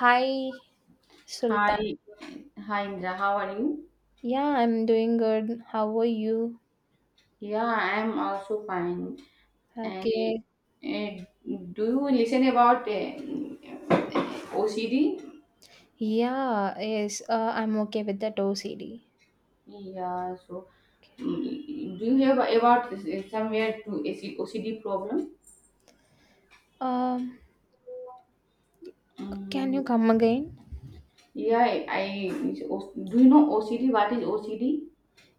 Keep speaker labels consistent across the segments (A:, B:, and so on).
A: Hi, Sultan.
B: Hi, hi Indra, how are you?
A: Yeah, I'm doing good. How are you?
B: Yeah, I am also fine. And
A: Okay.
B: uh, do you listen about OCD?
A: Yeah, yes, I'm okay with that OCD.
B: Yeah, so do you hear about somewhere to OCD problem?
A: Um, can you
B: Mm,
A: come again?
B: yeah, I do you know OCD? What is OCD?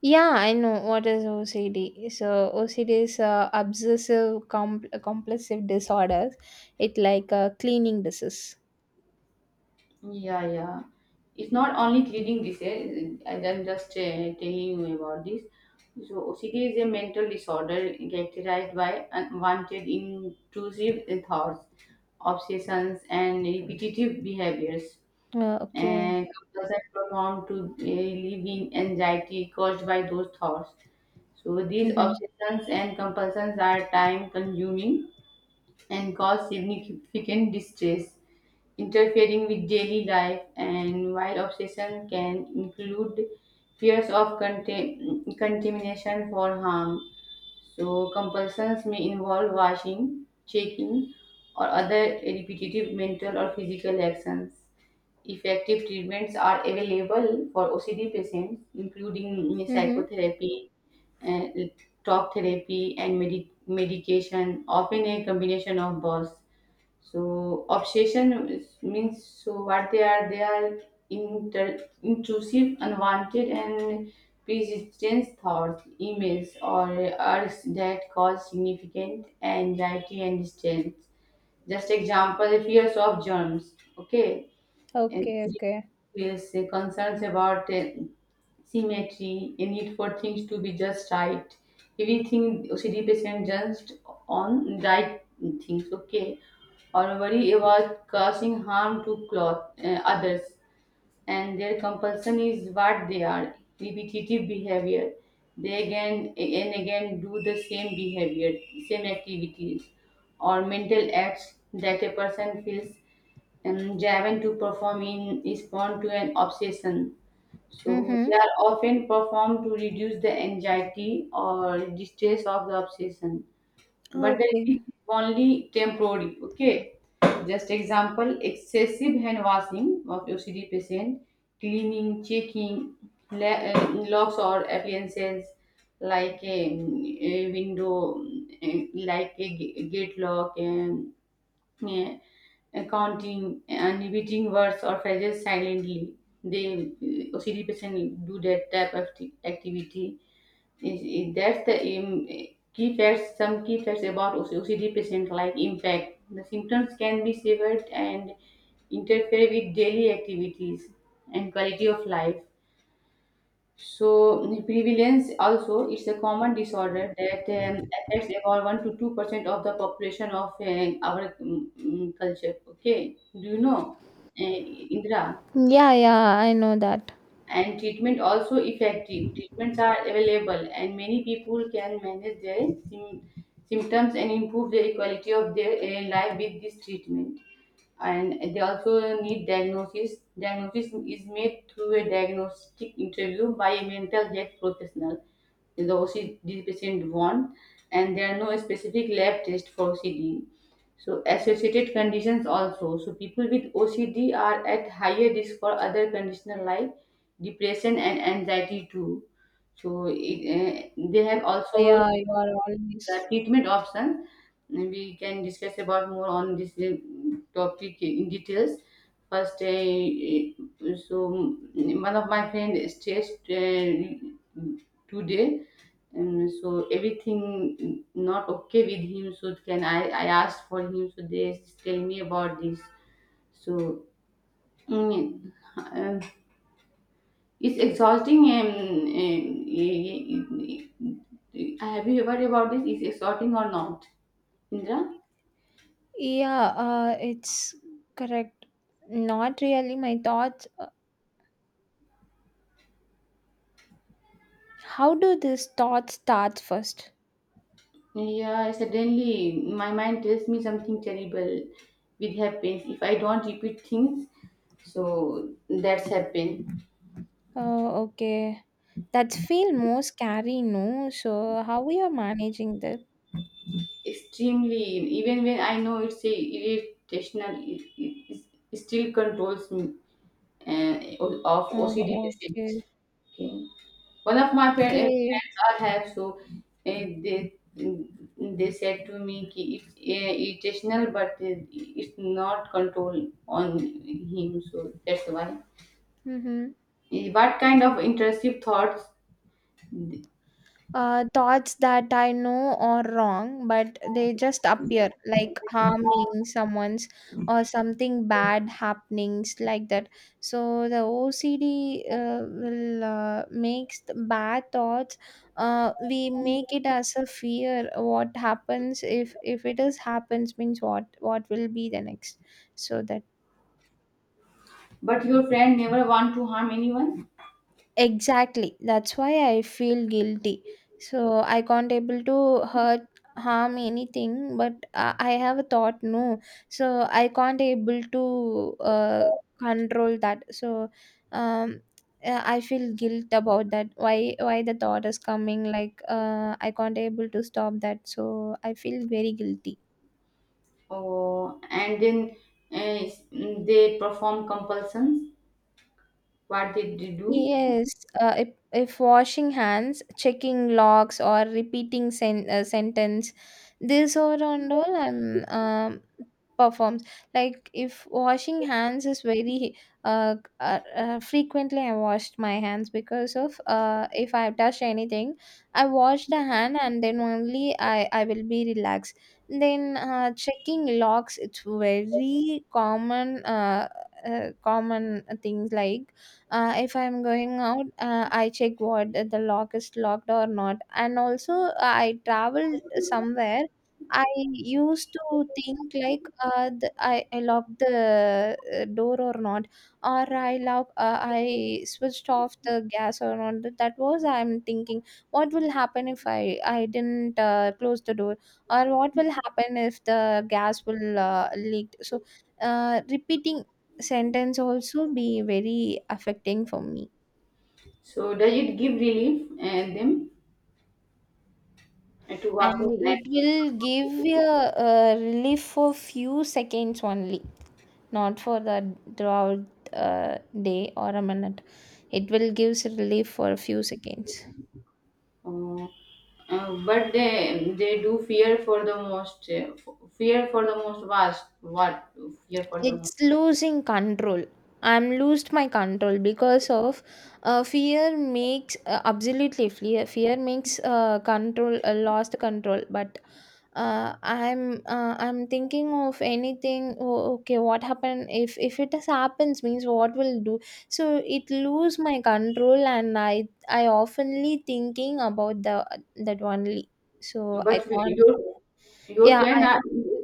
A: Yeah, I know what is OCD. So OCD is obsessive compulsive disorders. It like a cleaning disease.
B: Yeah, yeah. It's not only cleaning dishes. I'm just telling you about this. So OCD is a mental disorder characterized by unwanted intrusive thoughts, obsessions, and repetitive behaviors,
A: Okay.
B: and couples are prone to living anxiety caused by those thoughts. So these
A: Mhm.
B: obsessions and compulsions are time-consuming and cause significant distress, interfering with daily life. And while obsession can include fears of contamination for harm, so compulsions may involve washing, checking, or other repetitive mental or physical actions. Effective treatments are available for OCD patients, including
A: Mhm.
B: psychotherapy, uh, talk therapy, and medication, often a combination of both. So obsession means what they are inter, intrusive, unwanted, and persistent thoughts, emails, or urges that cause significant anxiety and distress. Just example, fears of germs. Okay, and
A: Okay. Okay.
B: with concerns about symmetry, a need for things to be just right. Everything OCD patient just on right things, okay, or worry about causing harm to cloth, others. And their compulsion is what they are, repetitive behavior. They again and again do the same behavior, same activities, or mental acts that a person feels and Javan to perform in respond to an obsession. So they
A: Mhm.
B: are often performed to reduce the anxiety or distress of the obsession. But the
A: Okay.
B: relief is only temporary. Okay. Just example, excessive hand washing of OCD patient, cleaning, checking locks or appliances, like a window, like a gate lock, and yeah, counting and repeating words or phrases silently. They, OCD person, do that type of activity. That's the key facts. Some key facts about OCD patient, like impact. The symptoms can be severed and interfere with daily activities and quality of life. So prevalence also is a common disorder that affects about 1 to 2% of the population of our culture. Okay, do you know, Indra?
A: Yeah. Yeah. I know that.
B: And treatment also effective. Treatments are available, and many people can manage their symptoms and improve their quality of their life with this treatment. And they also need diagnosis. Diagnosis is made through a diagnostic interview by a mental health professional. The OCD patient want, and there are no specific lab test for OCD. So associated conditions also. So people with OCD are at higher risk for other conditions like depression and anxiety too. So it, they have also
A: Yeah. You are
B: the
A: always.
B: treatment option. And we can discuss about more on this topic in details. First, so one of my friend stressed today, and so everything not okay with him. So can I? I asked for him. So they tell me about this. So, mm, um, it's exhausting, have you heard about this is exhausting or not, Indra?
A: Yeah, it's correct. Not really my thoughts. How do these thoughts start first?
B: Yeah, suddenly my mind tells me something terrible will happen if I don't repeat things. So that's happened
A: Oh, okay. That feel more scary, no? So how we are managing that?
B: extremely. Even when I know it's a irritational, it still controls me, uh, of
A: Oh,
B: OCD patient.
A: okay.
B: Okay. One of my friend,
A: Okay.
B: friends are have, so eh, they they said to me कि it's irritational, but it's not control on him, so that's why.
A: Mm-hmm.
B: What kind of intrusive thoughts?
A: Thoughts that I know are wrong, but they just appear like harming someone's or something bad happenings like that. So the OCD will makes the bad thoughts. We make it as a fear. What happens if it is happens means what will be the next? So that.
B: But your friend never want to harm anyone.
A: Exactly. That's why I feel guilty. So I can't able to hurt harm anything but I have a thought no. So I can't able to control that. So um I feel guilt about that. Why the thought is coming like I can't able to stop that. So I feel very guilty.
B: Oh, and then eh, they perform compulsions. What did they do?
A: Yes, if washing hands, checking logs, or repeating sentence, this or and all and performs. Like if washing hands is very frequently, I washed my hands because of if I touch anything, I wash the hand and then only I will be relaxed. Then checking logs, it's very common common things like if I'm going out, I check what the lock is locked or not, and also I traveled somewhere, I used to think like I locked the door or not, or I lock I switched off the gas or not. That that was I'm thinking what will happen if I didn't close the door, or what will happen if the gas will leak. So repeating sentence also be very affecting for me,
B: So does it give relief and them, to watching
A: and
B: that?
A: it will give you a relief for few seconds only, not for the throughout uh, day or a minute. It will gives relief for a few seconds.
B: Uh, but they do fear for the most, fear for the most vast what, fear for the most.
A: It's losing control. I'm lost my control because of fear makes absolutely. Fear makes control lost control. But I'm thinking of anything. Oh, okay, what happened if it has happens means what will do? So it lose my control, and I oftenly thinking about the that only. So I
B: But
A: can't.
B: your
A: Yeah,
B: friend are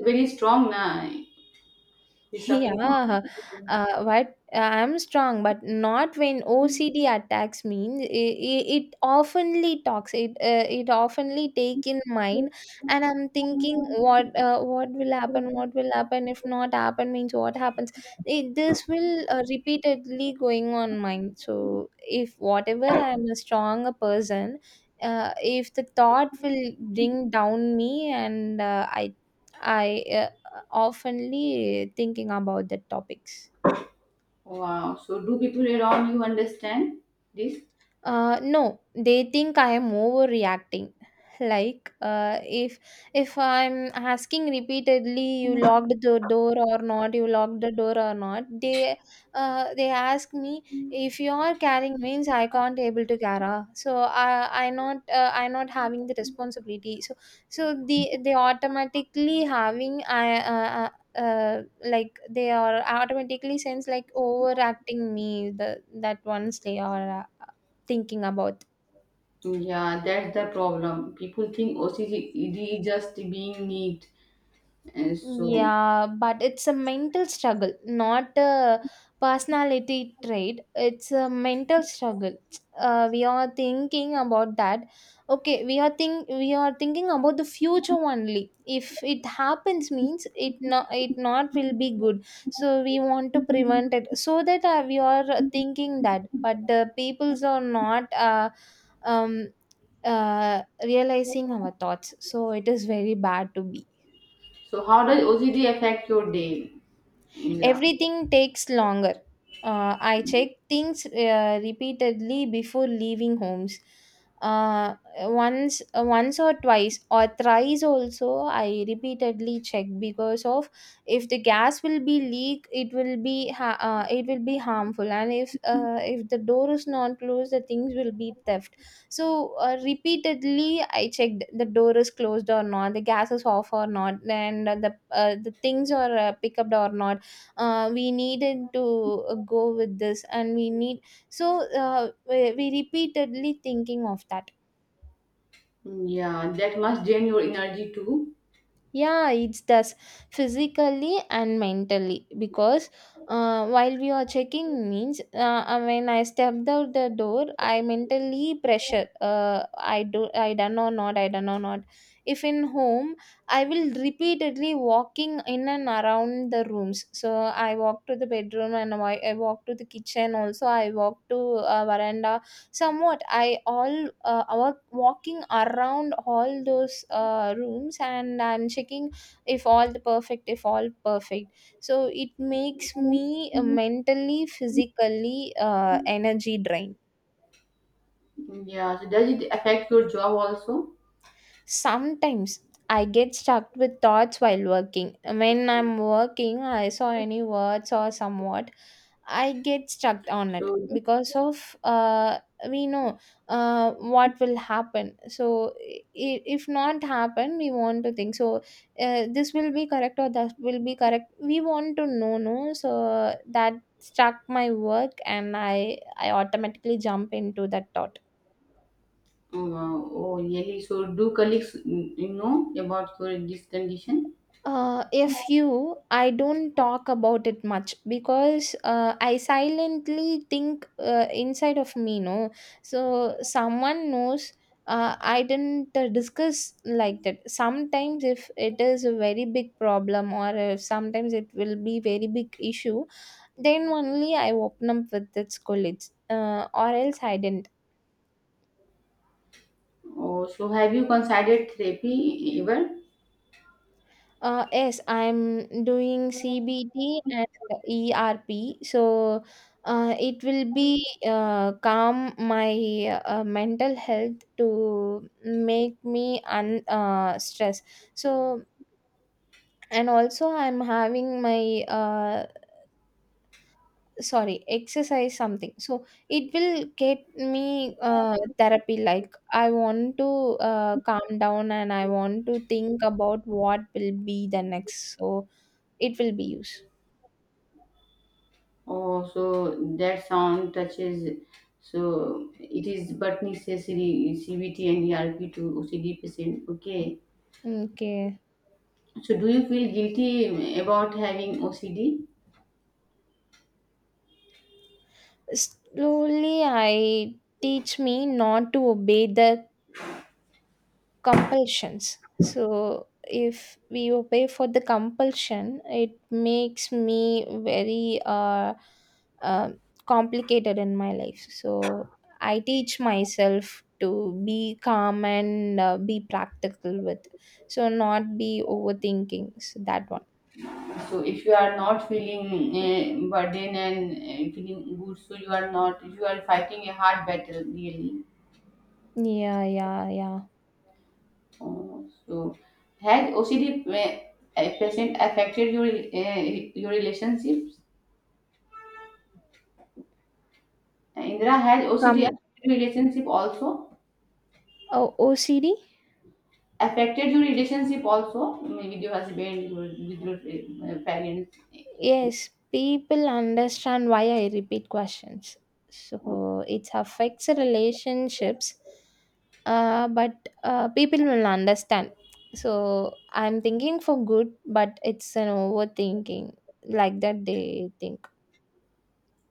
B: very strong now, he's suffering.
A: yeah, what I'm strong, but not when OCD attacks me. It oftenly talks. It oftenly take in mind, and I'm thinking what will happen? What will happen if not happen means what happens? It, this will repeatedly going on mind. So if whatever I'm a stronger person, if the thought will bring down me, and I. I oftenly thinking about the topics.
B: Wow, so do people around you understand this?
A: No, they think I am overreacting. Like, if I'm asking repeatedly, you locked the door or not, you locked the door or not, they ask me if you are carrying means I can't able to carry. So I not I not having the responsibility. So so the they automatically having I. Like they are automatically sense like overacting me the that ones they are thinking about.
B: Yeah, that's the problem, people think OCD is just being neat and so.
A: Yeah, but it's a mental struggle, not a personality trait. It's a mental struggle. We are thinking about that. Okay, we are thinking about the future only. If it happens means it not will be good. So we want to prevent it, so that we are thinking that. But the peoples are not um realizing our thoughts, so it is very bad to be.
B: So how does OCD affect your day, Indra?
A: Everything takes longer. I check things repeatedly before leaving homes. Uh, once or twice or thrice also. I repeatedly check because of if the gas will be leak, it will be it will be harmful, and if the door is not closed, the things will be theft. So repeatedly, I checked the door is closed or not, the gas is off or not, and the things are picked up or not. We needed to go with this, and we need, so uh, we repeatedly thinking of that.
B: Yeah, that must drain your energy too.
A: Yeah, it does physically and mentally because while we are checking means when I stepped out the door, I mentally pressure. I do, I done or not, I done or not. If in home, I will repeatedly walking in and around the rooms. So I walk to the bedroom, and I walk to the kitchen. Also, I walk to veranda. Somewhat I all our walking around all those rooms, and I'm checking if all the perfect, if all perfect. So it makes me mentally physically energy drained.
B: Yeah, so does it affect your job also?
A: Sometimes I get stuck with thoughts while working. When I'm working, I saw any words or somewhat, I get stuck on it
B: So,
A: because of we know what will happen. So if not happen, we want to think. So this will be correct or that will be correct. We want to know, no. So that struck my work, and I automatically jump into that thought.
B: oh really? So do colleagues, you know about your this condition?
A: If you, I don't talk about it much because I silently think inside of me, no. So someone knows. I didn't discuss like that. Sometimes, if it is a very big problem, or if sometimes it will be very big issue, then only I open up with its colleagues. Or else I didn't.
B: Oh, so have you considered therapy ever?
A: Yes, I'm doing CBT and ERP, so it will be calm my mental health to make me un stress. So, and also I'm having my sorry exercise something. So it will get me therapy. Like I want to calm down, and I want to think about what will be the next. So it will be used.
B: Oh, so that sound touches. So it is but necessary CBT and ERP to OCD patient. Okay.
A: Okay.
B: So do you feel guilty about having OCD?
A: Slowly, I teach me not to obey the compulsions. So, if we obey for the compulsion, it makes me very uh, complicated in my life. So, I teach myself to be calm and be practical with. So, not be overthinking. So, that one.
B: So if you are not feeling burden and feeling good, so you are not, you are fighting a hard battle really.
A: Yeah, yeah, yeah.
B: Oh, so has OCD patient affected your, your relationships? Indra, has OCD
A: Come,
B: affected your relationship also?
A: oh, OCD?
B: Affected your relationship also? Maybe with your husband, your, with your parents.
A: Yes, people understand why I repeat questions. So it affects relationships, but people will understand. So I'm thinking for good, but it's an overthinking, like that they think.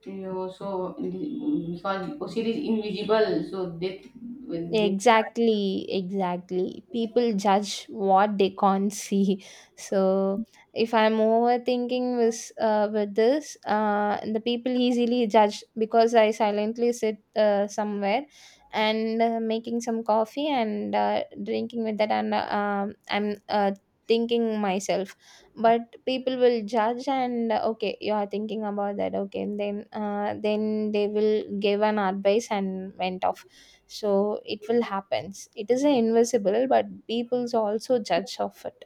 B: You know, so because OCD is invisible, so they
A: Exactly, exactly. People judge what they can't see. So if I'm overthinking this with this, the people easily judge because I silently sit somewhere and making some coffee and drinking with that, and I'm thinking myself. But people will judge and okay, you are thinking about that. Okay, and then they will give an advice and went off. So it will happens. It is invisible, but people also judge of it.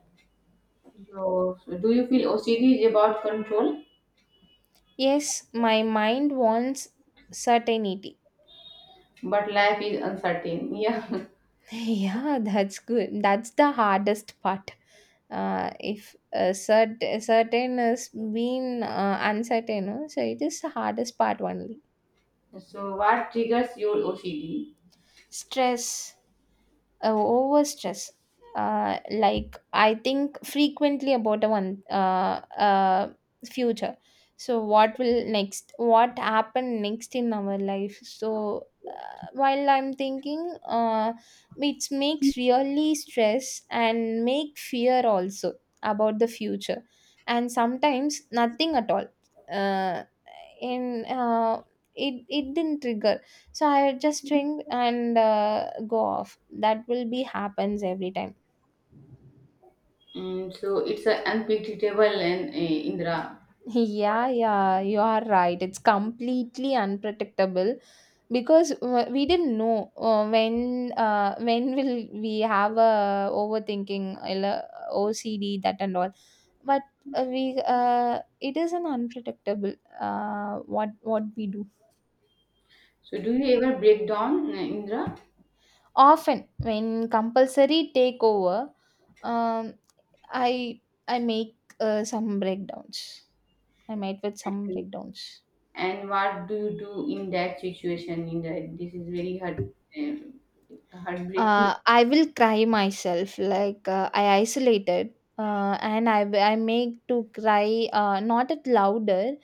B: So, so do you feel OCD is about control,
A: Yes, my mind wants certainty.
B: but life is uncertain? Yeah.
A: Yeah, that's good. That's the hardest part. If certain has been uncertain no? So it is the hardest part only.
B: So, what triggers your OCD?
A: Stress. Oh, over stress. Like I think frequently about a one uh, future. So what will next? What happen next in our life? So while I'm thinking, it makes really stress and make fear also about the future, and sometimes nothing at all. Uh, in it it didn't trigger. So I just ring and go off. That will be happens every time.
B: Mm, so, it's a unpredictable and, Indra.
A: Yeah, yeah, you are right, it's completely unpredictable, because we didn't know when will we have a overthinking OCD that and all. But we it is an unpredictable what we do.
B: So, do you ever break down, Indra?
A: Often, when compulsory take over, um, I I make some breakdowns. I met with some breakdowns.
B: And what do you do in that situation, Indra? This is very hard, heartbreaking.
A: I will cry myself. Like I isolated, and I make to cry. Not it louder.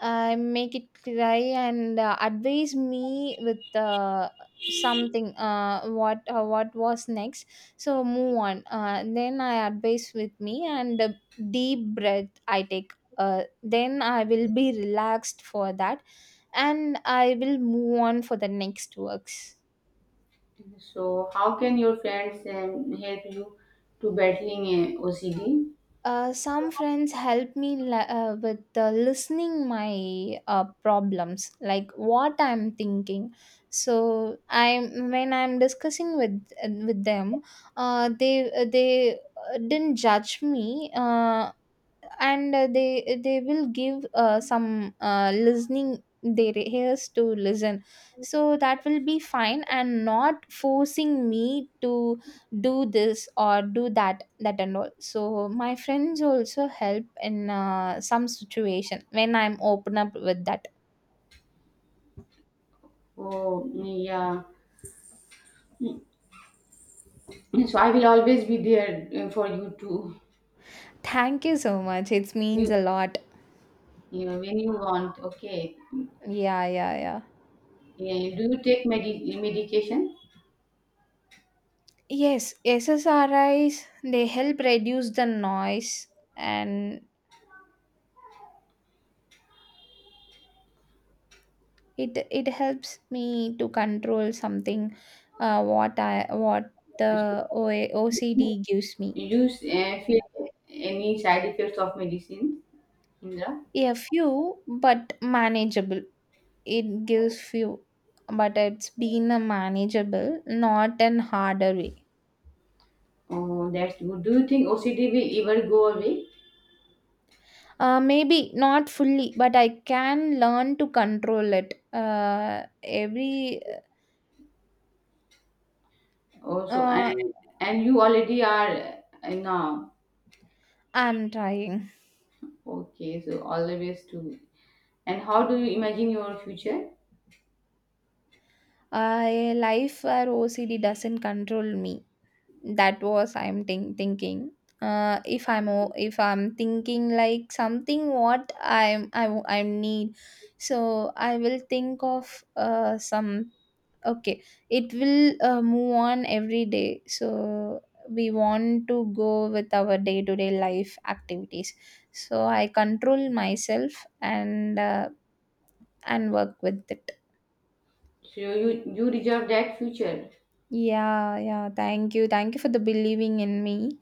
A: I make it cry and advise me with something. What was next? So move on. Then I advise with me and deep breath I take. Then I will be relaxed for that, and I will move on for the next works.
B: So, how can your friends help you to battling OCD?
A: Some friends help me with listening my problems like what I'm thinking. So I When I'm discussing with them, uh, they they didn't judge me. uh, and they will give some listening, their ears to listen, so that will be fine, and not forcing me to do this or do that and all. So my friends also help in some situation when I'm open up with that.
B: Oh, yeah. So I will always be there for you too.
A: Thank you so much, it means
B: You,
A: a lot.
B: you know, when you want. Okay.
A: Yeah, yeah, yeah.
B: Yeah, do you take medication?
A: Yes, SSRIs, they help reduce the noise, and it it helps me to control something, what the O- A OCD gives me.
B: You feel any side effects of medicine, Indra?
A: A few, but manageable. It gives few, but it's been a manageable, not an harder way.
B: Oh, that's good. Do you think OCD will ever go away?
A: Maybe not fully, but I can learn to control it. Uh, every
B: Also,
A: uh,
B: and you already are now.
A: I'm trying.
B: Okay, so always to. And how do you imagine your future?
A: A life where OCD doesn't control me, that was I'm thinking. If I'm thinking like something what I'm I, w- I need, so I will think of some, okay, it will move on every day. So we want to go with our day to day life activities, so I control myself and work with it.
B: So you deserve that future.
A: Yeah, yeah, thank you for the believing in me.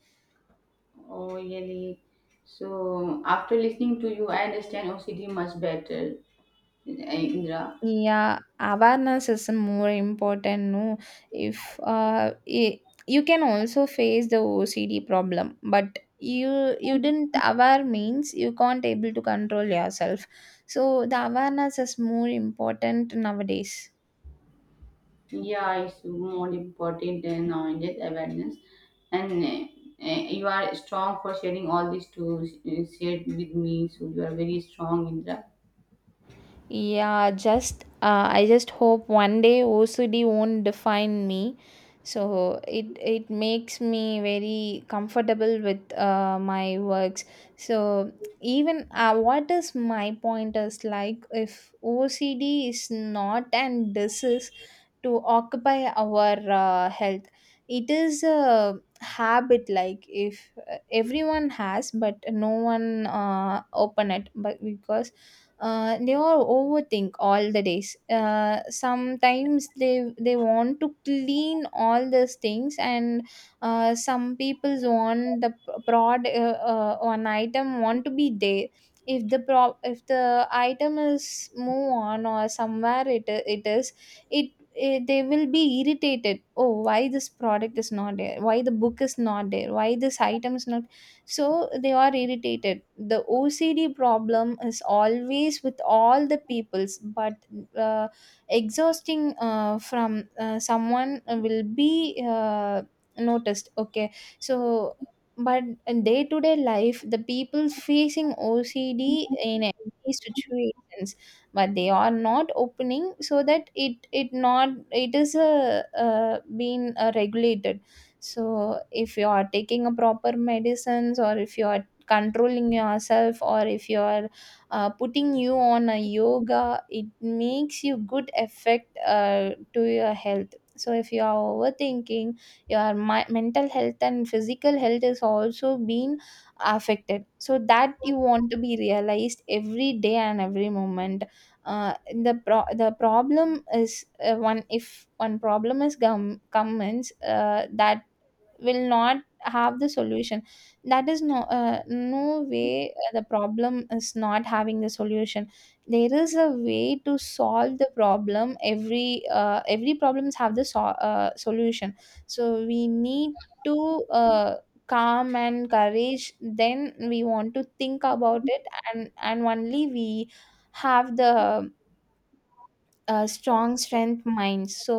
B: Oh, really? So, after listening to you, I understand OCD much better, Indra.
A: Yeah, awareness is more important. No, if you can also face the OCD problem, but you didn't aware means you can't able to control yourself. So the awareness is more important nowadays.
B: Yeah, it's more important than knowledge awareness, and, you are strong for sharing all these to share with me. So you are very strong, Indra.
A: Yeah, just I just hope one day OCD won't define me. So it makes me very comfortable with my works. So even what is my point is like if OCD is not an disease to occupy our health, it is a habit. Like if everyone has, but no one open it, but because they all overthink all the days. Sometimes they want to clean all these things, and some people's want the prod one item want to be there. If the item is move on or somewhere it, they will be irritated, oh, why this product is not there, why the book is not there, why this item is not. So they are irritated, the OCD problem is always with all the peoples, but uh, exhausting from someone will be noticed, okay. So but in day to day life the people facing OCD in every situations, but they are not opening, so that it not it is a being regulated. So if you are taking a proper medicines, or if you are controlling yourself, or if you are putting you on a yoga, it makes you good effect to your health. So if you are overthinking, your mental health and physical health is also being affected, so that you want to be realized every day and every moment. uh, the problem is, one if one problem is comments, that will not have the solution. That is no, no way, the problem is not having the solution. There is a way to solve the problem, every problems have the solution. So we need to calm and courage, then we want to think about it. And only we have the strong strength minds. So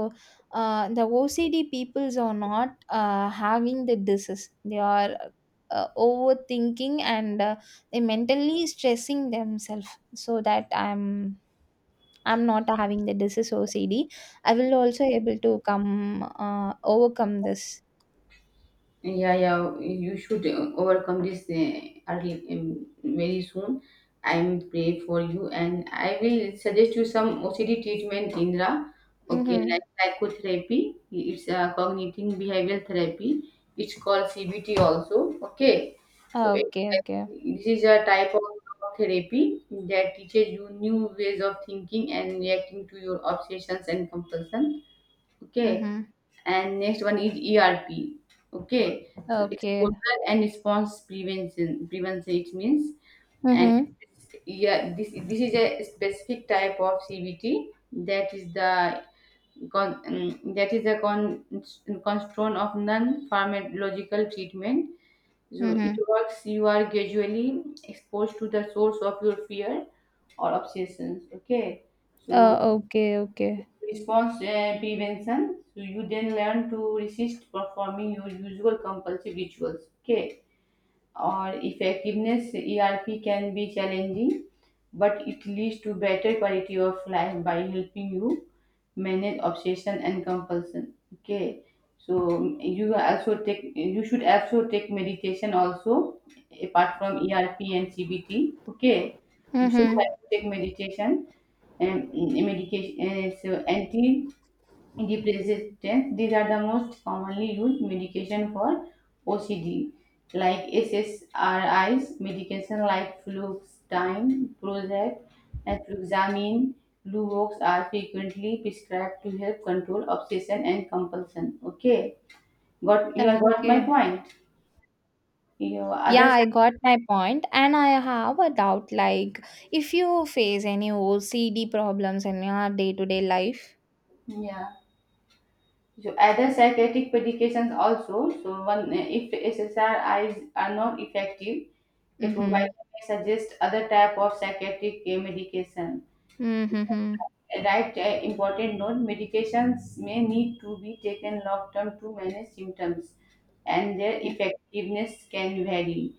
A: the OCD peoples are not having the disease, they are overthinking, and they mentally stressing themselves. So that I'm not having the disease OCD, I will also able to come overcome this.
B: Yeah, yeah, you should overcome this early, very soon. I'm pray for you, and I will suggest you some OCD treatment, Indra. Okay,
A: Mm-hmm.
B: like psychotherapy. It's a cognitive behavioral therapy. It's called CBT also. Okay, so
A: Okay, okay.
B: this is a type of therapy that teaches you new ways of thinking and reacting to your obsessions and compulsions. Okay,
A: Mm-hmm.
B: and next one is ERP. Okay, so
A: Okay.
B: exposure and response prevention. Prevention it means. And
A: Mm-hmm.
B: yeah, this is a specific type of CBT, that is the that is a constraint of non-pharmacological treatment. So it
A: Mm-hmm.
B: works. You are gradually exposed to the source of your fear or obsessions. Okay, so
A: Okay, okay.
B: response, prevention. So you then learn to resist performing your usual compulsive rituals. Okay, or effectiveness, ERP can be challenging, but it leads to better quality of life by helping you manage obsession and compulsion. Okay, so you also take, you should also take meditation also apart from ERP and CBT. Okay, you should
A: Mm-hmm.
B: have to take meditation and medication. So anti depressants. These are the most commonly used medication for OCD, like SSRIs, medication like fluoxetine, Prozac, and fluoxamine, Luvox are frequently prescribed to help control obsession and compulsion. Okay, got, you have got my
A: Okay.
B: point. You
A: Yeah,
B: other,
A: I got my point, and I have a doubt like if you face any OCD problems in your day-to-day life.
B: yeah. So other psychiatric medications also. So one, if SSRIs are not effective, a
A: Mm-hmm.
B: provider may suggest other type of psychiatric medication.
A: Mm-hmm.
B: A right, important note, medications may need to be taken long term to manage symptoms and their
A: Yeah.
B: effectiveness can vary.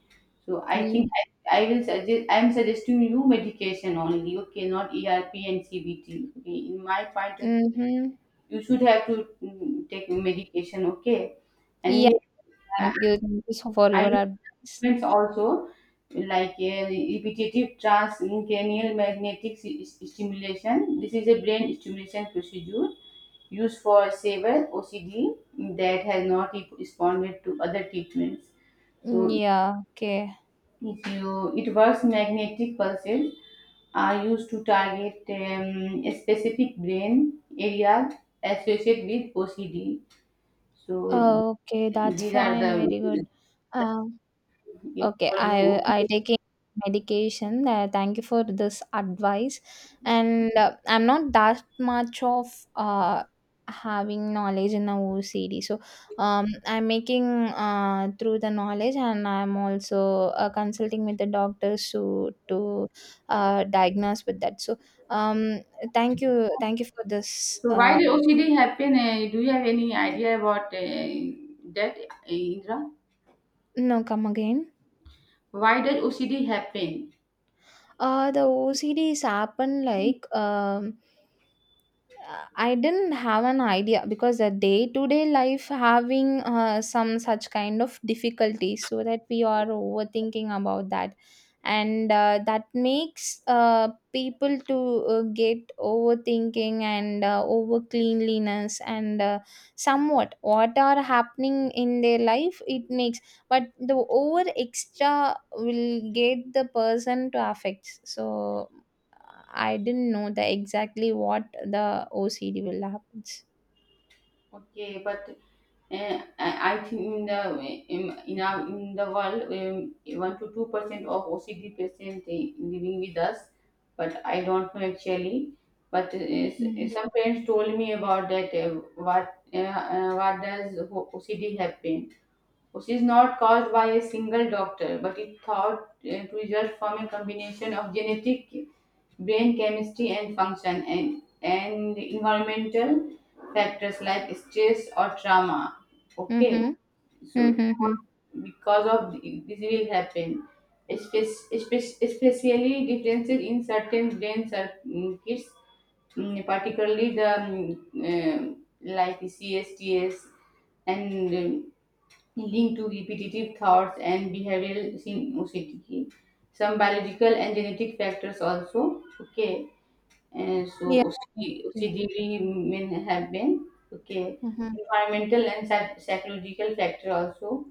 B: So I
A: Yeah.
B: think, I will suggest, I am suggesting you medication only, okay, not ERP and CBT. Okay, in my point of view,
A: Mm-hmm.
B: you should have to, take medication, okay? And
A: Yeah,
B: yeah, I
A: thank you. Thank you so for
B: I
A: your
B: know
A: advice.
B: treatments also, like repetitive transcranial magnetic stimulation. This is a brain stimulation procedure used for severe OCD that has not responded to other treatments.
A: Mm,
B: So
A: yeah, okay.
B: if you, it works, magnetic pulses are used to target a specific brain area associated with OCD. So
A: Okay, that's
B: these are
A: fine.
B: the
A: Very good. Um, okay,
B: for you.
A: I
B: Okay.
A: taking medication. Thank you for this advice. And I'm not that much of having knowledge in the OCD. So I'm making through the knowledge, and I'm also consulting with the doctors to diagnose with that. So um, thank you for this.
B: So why the OCD happen? Do you have any idea about that, Indra?
A: No, come again.
B: Why does OCD happen?
A: The OCD is happen like I didn't have an idea, because the day to day life having some such kind of difficulties, so that we are overthinking about that. And that makes people to get overthinking, and over cleanliness, and somewhat what are happening in their life, it makes. But the over extra will get the person to affect, so I didn't know the exactly what the OCD will happens.
B: Okay, but I think in the in our in the world, 1 to 2% of OCD patients living with us, but I don't know actually. But
A: Mhm.
B: some parents told me about that. What, what does OCD happen? Which is not caused by a single doctor, but is thought to result from a combination of genetic, brain chemistry and function, and environmental factors like stress or trauma. Okay,
A: Mhm.
B: so
A: Mhm.
B: because of this will happen. Especially differences in certain brain circuits, particularly the, uh, like CSTS and, leading to repetitive thoughts and behavioral OCD. Some biological and genetic factors also. Okay, and so
A: Yeah. Okay.
B: OCD, may have been okay.
A: Mhm.
B: Environmental and psychological factor also,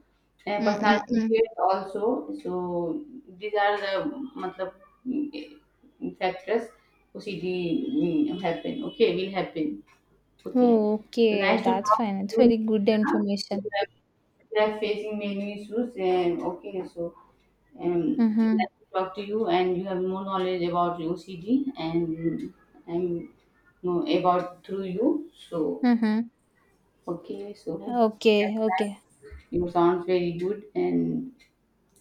B: and personality
A: Mm-mm.
B: traits also. So these are the matlab, mm, factors OCD happen. Okay, will happen. Okay.
A: Oh,
B: So
A: okay,
B: nice to
A: that's
B: talk
A: fine.
B: to
A: It's
B: you,
A: very good
B: Neha. We
A: information.
B: are we are facing many issues and okay, so um
A: Mhm.
B: nice to talk to you, and you have more knowledge about OCD and know about through you. So
A: Mhm.
B: okay, so
A: Okay. Okay.
B: you sounds very good and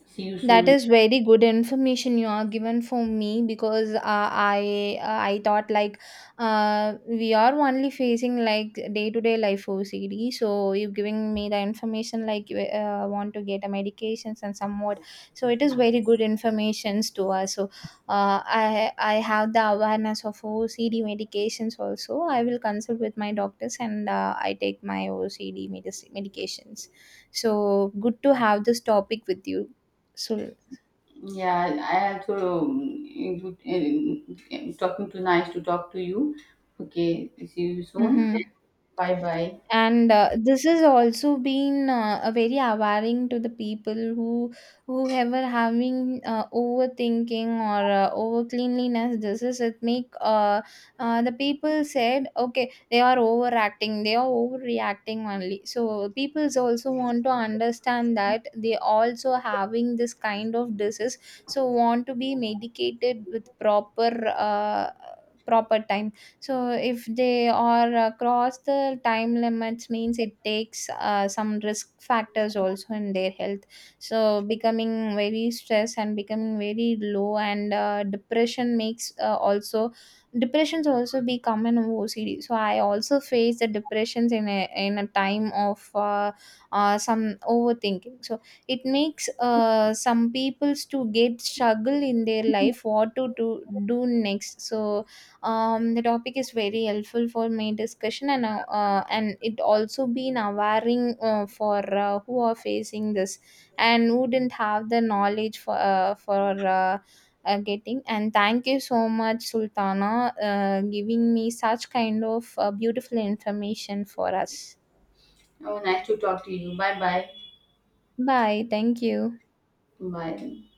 B: see you
A: That
B: soon.
A: is very good information you are given for me, because I thought like we are only facing like day to day life OCD. So you giving me the information like you want to get a medications and somewhat. So it is very good informations to us. So I have the awareness of OCD medications also. I will consult with my doctors, and I take my OCD medications. So good to have this topic with you. So,
B: Yeah, I also, good, talking to, nice to talk to you. Okay, see you soon.
A: mm-hmm.
B: Bye bye.
A: And this has also been a very awaring to the people who, whoever having overthinking, or over cleanliness. This it make the people said, okay, they are overacting, they are overreacting only. So people's also want to understand that they also having this kind of disease. So want to be medicated with proper uh, proper time. So if they are across the time limits means, it takes some risk factors also in their health. So becoming very stressed, and becoming very low, and depression makes also depressions also be common in OCD. So I also face the depressions in a time of some overthinking. So it makes some peoples to get struggle in their life, what to do, do next. So the topic is very helpful for my discussion, and it also been awareing for who are facing this, and who didn't have the knowledge for getting. And thank you so much, Sultana, giving me such kind of beautiful information for us.
B: Oh, nice to talk to you. Bye bye.
A: Bye. Thank you.
B: Bye.